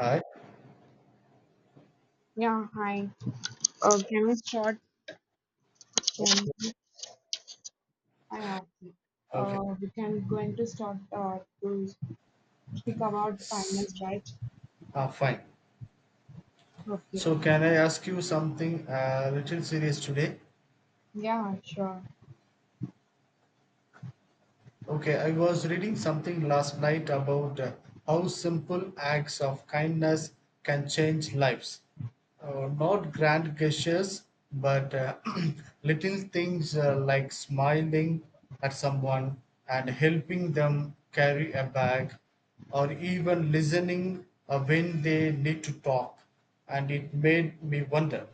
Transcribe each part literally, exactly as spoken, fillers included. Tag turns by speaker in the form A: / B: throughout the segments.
A: Hi.
B: Yeah, hi. Uh, can we start? Can I have.
A: Okay.
B: Uh, we can going to start uh, to speak about
A: S-
B: kindness, right?
A: Ah, fine.
B: Okay.
A: So, can I ask you something a little serious today?
B: Yeah, sure.
A: Okay, I was reading something last night about uh, how simple acts of kindness can change lives. Uh, not grand gestures, but uh, little things uh, like smiling at someone and helping them carry a bag or even listening uh, when they need to talk. And it made me wonder,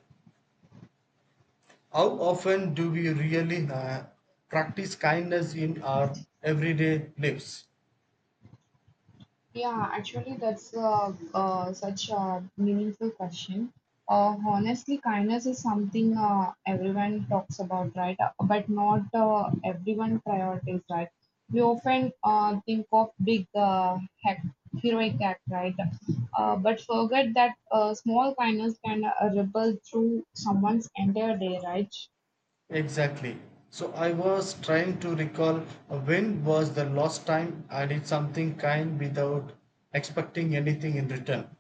A: how often do we really uh, practice kindness in our everyday lives?
B: Yeah, actually, that's uh, uh, such a meaningful question. Uh, honestly, kindness is something uh, everyone talks about, right? Uh, But not uh, everyone prioritizes, right? We often uh, think of big uh, hack, heroic act, right? Uh, but forget that uh, small kindness can uh, ripple through someone's entire day, right?
A: Exactly. So I was trying to recall uh, when was the last time I did something kind without expecting anything in return.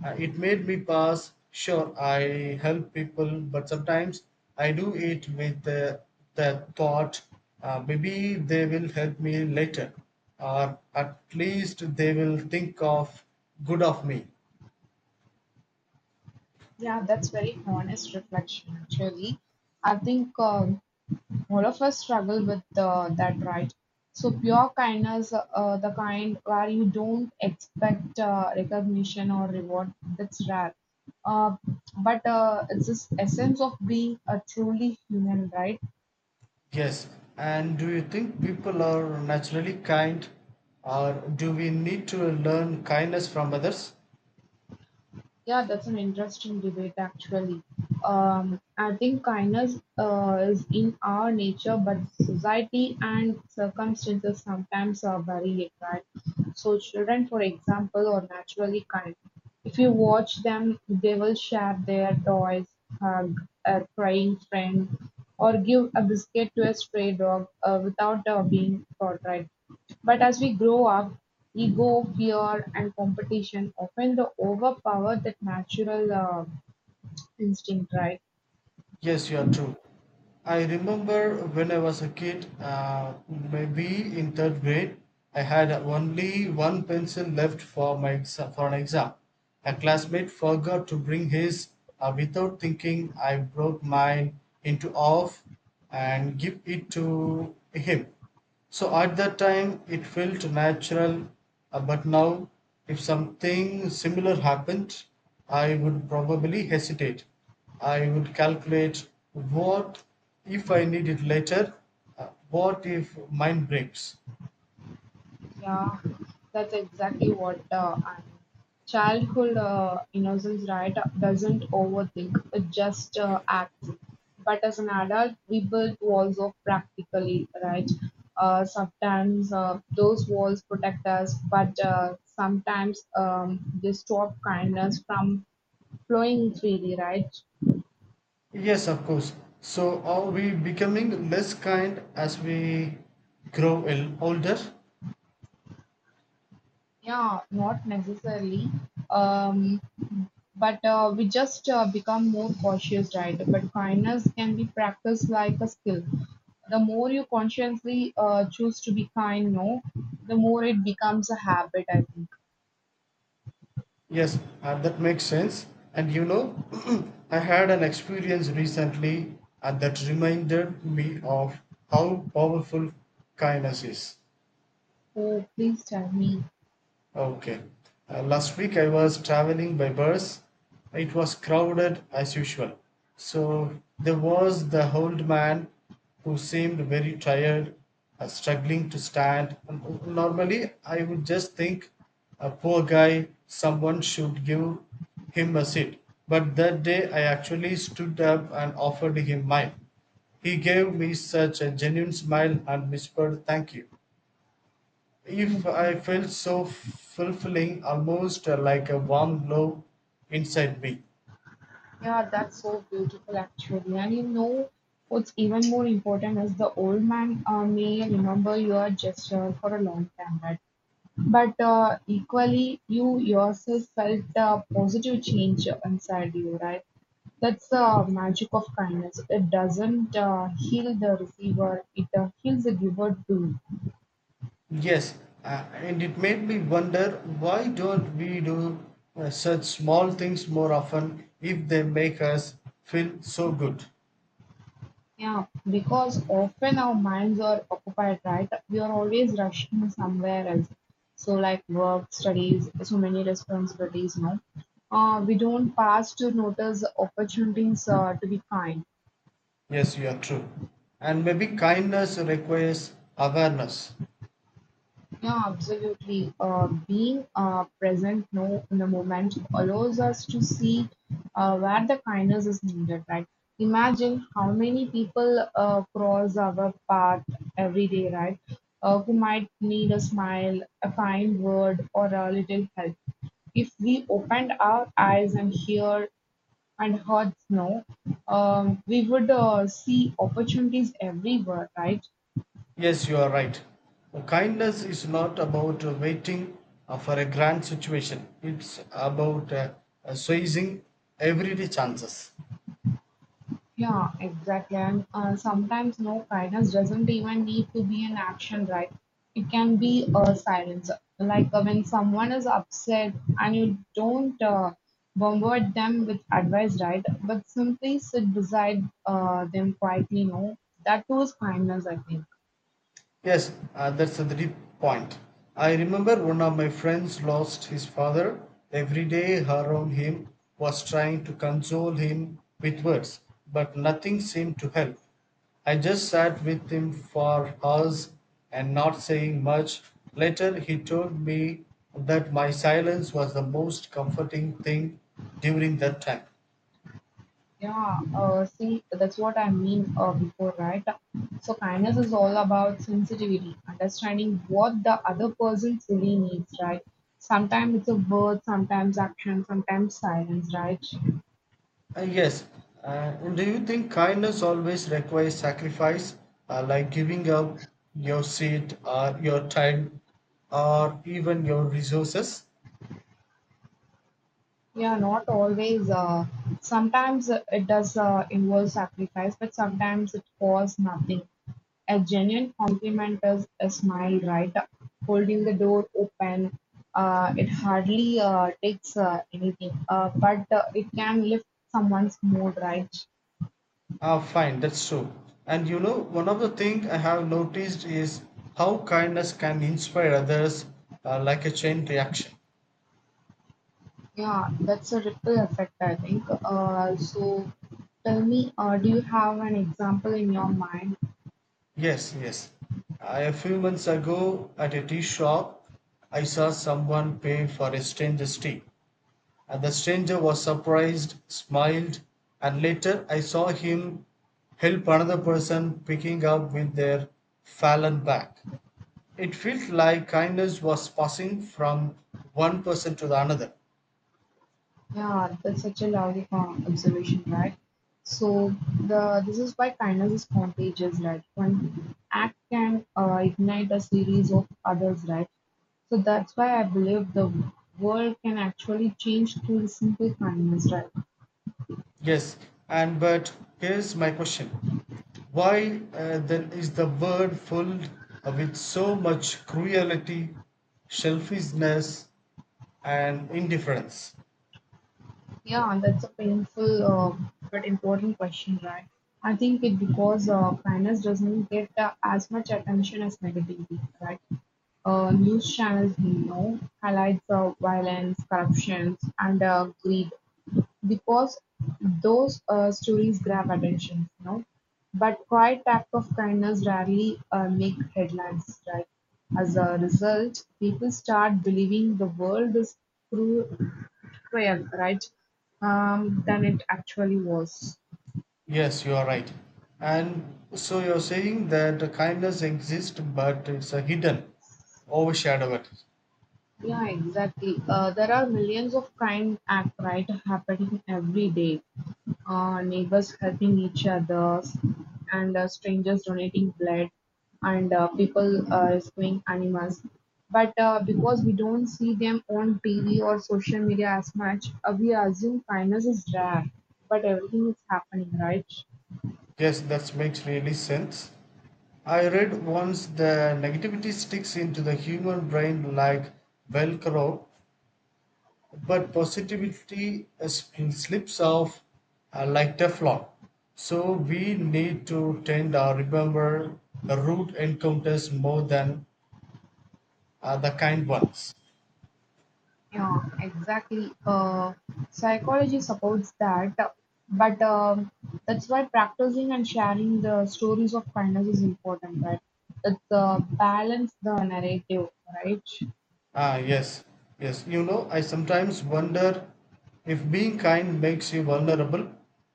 A: Uh, it made me pass. Sure, I help people, but sometimes I do it with the, the thought uh, maybe they will help me later, or at least they will think of good of me.
B: Yeah, that's very honest reflection, actually. I think. Uh, All of us struggle with uh, that, right? So pure kindness, uh, the kind where you don't expect uh, recognition or reward, that's rare. Uh, but uh, it's this essence of being a truly human, right?
A: Yes, and do you think people are naturally kind or do we need to learn kindness from others?
B: Yeah, that's an interesting debate actually. Um, I think kindness uh, is in our nature, but society and circumstances sometimes are vary it, right? So, children, for example, are naturally kind. If you watch them, they will share their toys, hug a crying friend, or give a biscuit to a stray dog uh, without uh, being caught, right? But as we grow up, ego, fear, and competition often the overpower that natural uh, instinct, right?
A: Yes, you are true. I remember when I was a kid, uh, maybe in third grade, I had only one pencil left for my exa- for an exam. A classmate forgot to bring his. Uh, without thinking, I broke mine into half and give it to him. So at that time, it felt natural, uh, but now, if something similar happened, I would probably hesitate. I would calculate what if I need it later, uh, what if mine breaks.
B: Yeah, that's exactly what uh, I Childhood uh, innocence, right, doesn't overthink, it just uh, acts. But as an adult, we build walls of practically, right? Uh, sometimes uh, those walls protect us, but uh, sometimes um, they stop kindness from flowing freely, right?
A: Yes, of course. So are we becoming less kind as we grow el- older?
B: Yeah, not necessarily. Um, but uh, we just uh, become more cautious, right? But kindness can be practiced like a skill. The more you consciously uh, choose to be kind, no, the more it becomes a habit, I think.
A: Yes, uh, that makes sense. And you know, I had an experience recently uh, that reminded me of how powerful kindness is.
B: Oh, please tell me.
A: Okay. Uh, last week I was traveling by bus. It was crowded as usual. So there was the old man who seemed very tired, uh, struggling to stand. Um, Normally, I would just think, a poor guy, someone should give him a seat. But that day I actually stood up and offered him mine. He gave me such a genuine smile and whispered, "Thank you." If
B: Hmm.
A: I felt so fulfilling, almost uh, like a warm glow inside me.
B: Yeah, that's so beautiful, actually. And you know, what's even more important is the old man uh, may remember your gesture for a long time, right? But uh, equally, you yourself felt a positive change inside you, right? That's the magic of kindness. It doesn't uh, heal the receiver, it uh, heals the giver too.
A: Yes, uh, and it made me wonder, why don't we do uh, such small things more often if they make us feel so good?
B: Yeah, because often our minds are occupied, right? We are always rushing somewhere else. So, like work, studies, so many responsibilities, no? Uh, we don't pass to notice opportunities uh, to be kind.
A: Yes, you are true. And maybe kindness requires awareness.
B: Yeah, absolutely. Uh, being uh, present now in the moment allows us to see uh, where the kindness is needed, right? Imagine how many people uh, cross our path every day, right? Uh, who might need a smile, a kind word, or a little help if we opened our eyes and hear and hearts, snow, um, we would uh, see opportunities everywhere, right?
A: Yes, you are right. Uh, Kindness is not about uh, waiting uh, for a grand situation, it's about uh, uh, seizing everyday chances.
B: Yeah, exactly. And uh, sometimes no guidance doesn't even need to be an action, right? It can be a silence. Like uh, when someone is upset and you don't uh, bombard them with advice, right? But simply sit beside uh, them quietly, no? That was kindness, I think.
A: Yes, uh, that's a deep point. I remember one of my friends lost his father. Every day around him was trying to console him with words, but nothing seemed to help. I just sat with him for hours and not saying much. Later, he told me that my silence was the most comforting thing during that time.
B: Yeah, uh, see, that's what I mean uh, before, right? So, kindness is all about sensitivity, understanding what the other person truly needs, right? Sometimes it's a word, sometimes action, sometimes silence, right?
A: Uh, yes. Uh, and do you think kindness always requires sacrifice, uh, like giving up your seat or your time or even your resources?
B: Yeah, not always. Uh, sometimes uh, it does uh, involve sacrifice, but sometimes it costs nothing. A genuine compliment is a smile, right? Holding the door open, uh, it hardly uh, takes uh, anything, uh, but uh, it can lift someone's mood, right?
A: Ah, fine, that's true. And you know, one of the things I have noticed is how kindness can inspire others uh, like a chain reaction.
B: Yeah, that's a ripple effect, I think. Uh, so tell me, uh, do you have an example in your mind.
A: Yes, yes. I, a few months ago at a tea shop, I saw someone pay for a stranger's tea. And the stranger was surprised, smiled, and later I saw him help another person picking up with their fallen back. It felt like kindness was passing from one person to the another.
B: Yeah, that's such a lovely con- observation, right? So the this is why kindness is contagious, right? One act can uh, ignite a series of others, right? So that's why I believe the world can actually change through simple kindness, right?
A: Yes, and but here's my question. Why uh, then is the world filled with so much cruelty, selfishness, and indifference?
B: Yeah, that's a painful uh, but important question, right? I think it because uh, kindness doesn't get uh, as much attention as negativity, right? Uh, News channels you know, highlight the violence, corruption, and uh, greed because those uh stories grab attention, you know. But quiet act of kindness rarely uh make headlines, right? As a result, people start believing the world is cru- cruel, right? Um, than it actually was.
A: Yes, you are right. And so you're saying that the kindness exists, but it's a hidden, overshadowed.
B: Yeah, exactly. Uh, there are millions of kind act right happening every day. Uh, neighbors helping each other, and uh, strangers donating blood, and uh, people uh, rescuing animals. But uh, because we don't see them on T V or social media as much, uh, we assume kindness is rare. But everything is happening, right?
A: Yes, that makes really sense. I read once the negativity sticks into the human brain like Velcro, but positivity uh, sp- slips off uh, like Teflon. So we need to tend or remember the rude encounters more than uh, the kind ones.
B: Yeah, exactly. Uh, psychology supports that, but um, that's why practicing and sharing the stories of kindness is important, right? That's the balance the narrative, right?
A: Ah, yes, yes. You know, I sometimes wonder if being kind makes you vulnerable.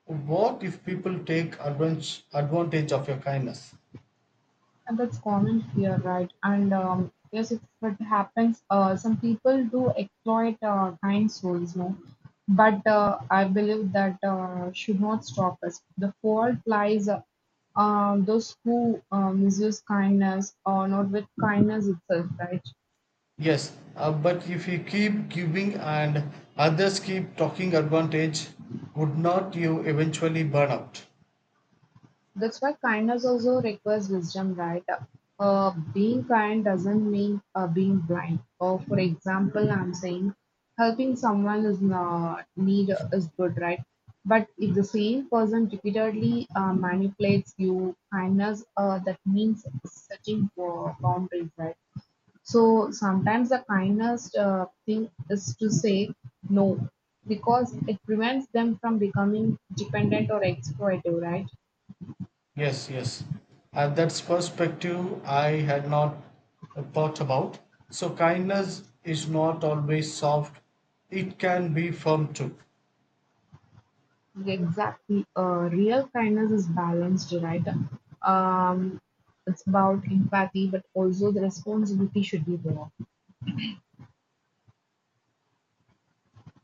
A: What if people take advan- advantage of your kindness?
B: And that's common fear, right? And um, yes, if it happens, uh, some people do exploit uh, kind souls, no? But uh, I believe that uh, should not stop us. The fault lies uh, um, those who uh, misuse kindness or not with kindness itself, right?
A: Yes, uh, but if you keep giving and others keep talking advantage, would not you eventually burn out?
B: That's why kindness also requires wisdom, right? Uh, being kind doesn't mean uh, being blind. Or for example, I'm saying helping someone is not need is good, right? But if the same person repeatedly uh, manipulates you, kindness uh, that means setting bo- boundaries, right? So sometimes the kindest uh, thing is to say no because it prevents them from becoming dependent or exploitative, right?
A: Yes, yes. Uh, that's perspective I had not uh, thought about. So kindness is not always soft. It can be firm too.
B: Exactly. Uh, real kindness is balanced, right? Um, it's about empathy, but also the responsibility should be there.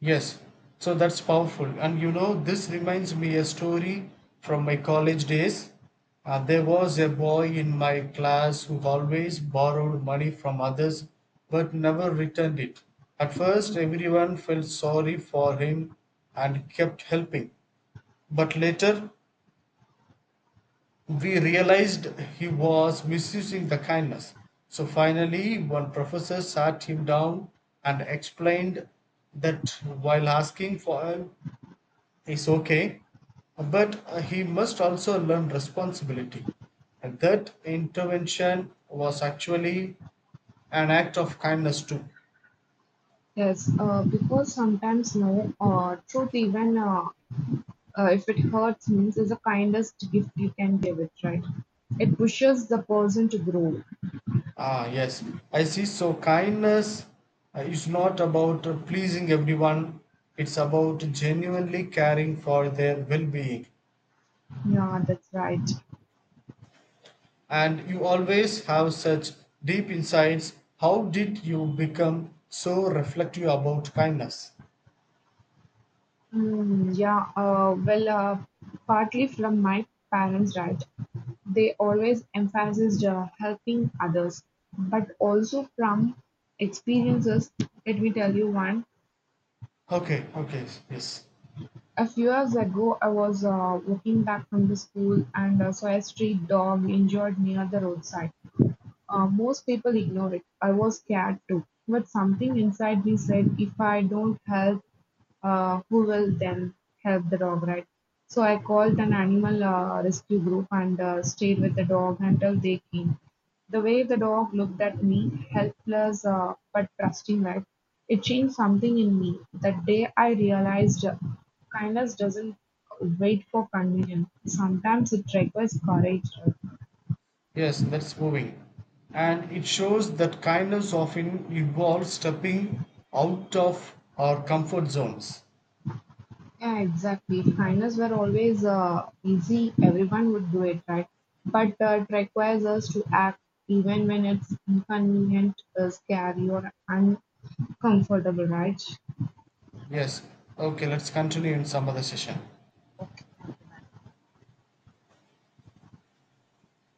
A: Yes, so that's powerful. And you know, this reminds me a story from my college days. Uh, there was a boy in my class who always borrowed money from others but never returned it. At first, everyone felt sorry for him and kept helping. But later, we realized he was misusing the kindness. So finally, one professor sat him down and explained that while asking for help, is okay, but uh, he must also learn responsibility. And that intervention was actually an act of kindness too.
B: Yes, uh, because sometimes, no, uh, truth, even uh, uh, if it hurts, means is the kindest gift you can give it, right? It pushes the person to grow.
A: Ah, yes, I see. So, kindness uh, is not about uh, pleasing everyone, it's about genuinely caring for their well being.
B: Yeah, that's right.
A: And you always have such deep insights. How did you become so reflective about kindness?
B: Mm, yeah, uh, well, uh, partly from my parents, right? They always emphasized uh, helping others, but also from experiences. Let me tell you one.
A: Okay, okay, yes.
B: A few years ago, I was uh, walking back from the school and uh, saw a street dog injured near the roadside. Uh, Most people ignore it. I was scared too. But something inside me said, if I don't help, uh, who will then help the dog, right? So I called an animal uh, rescue group and uh, stayed with the dog until they came. The way the dog looked at me, helpless uh, but trusting, right? It changed something in me. That day I realized uh, kindness doesn't wait for convenience. Sometimes it requires courage, right?
A: Yes, that's moving. And it shows that kindness often involves stepping out of our comfort zones.
B: Yeah, exactly. Finals were always uh, easy. Everyone would do it, right? But uh, it requires us to act even when it's inconvenient, uh, scary, or uncomfortable, right?
A: Yes. Okay, let's continue in some other session.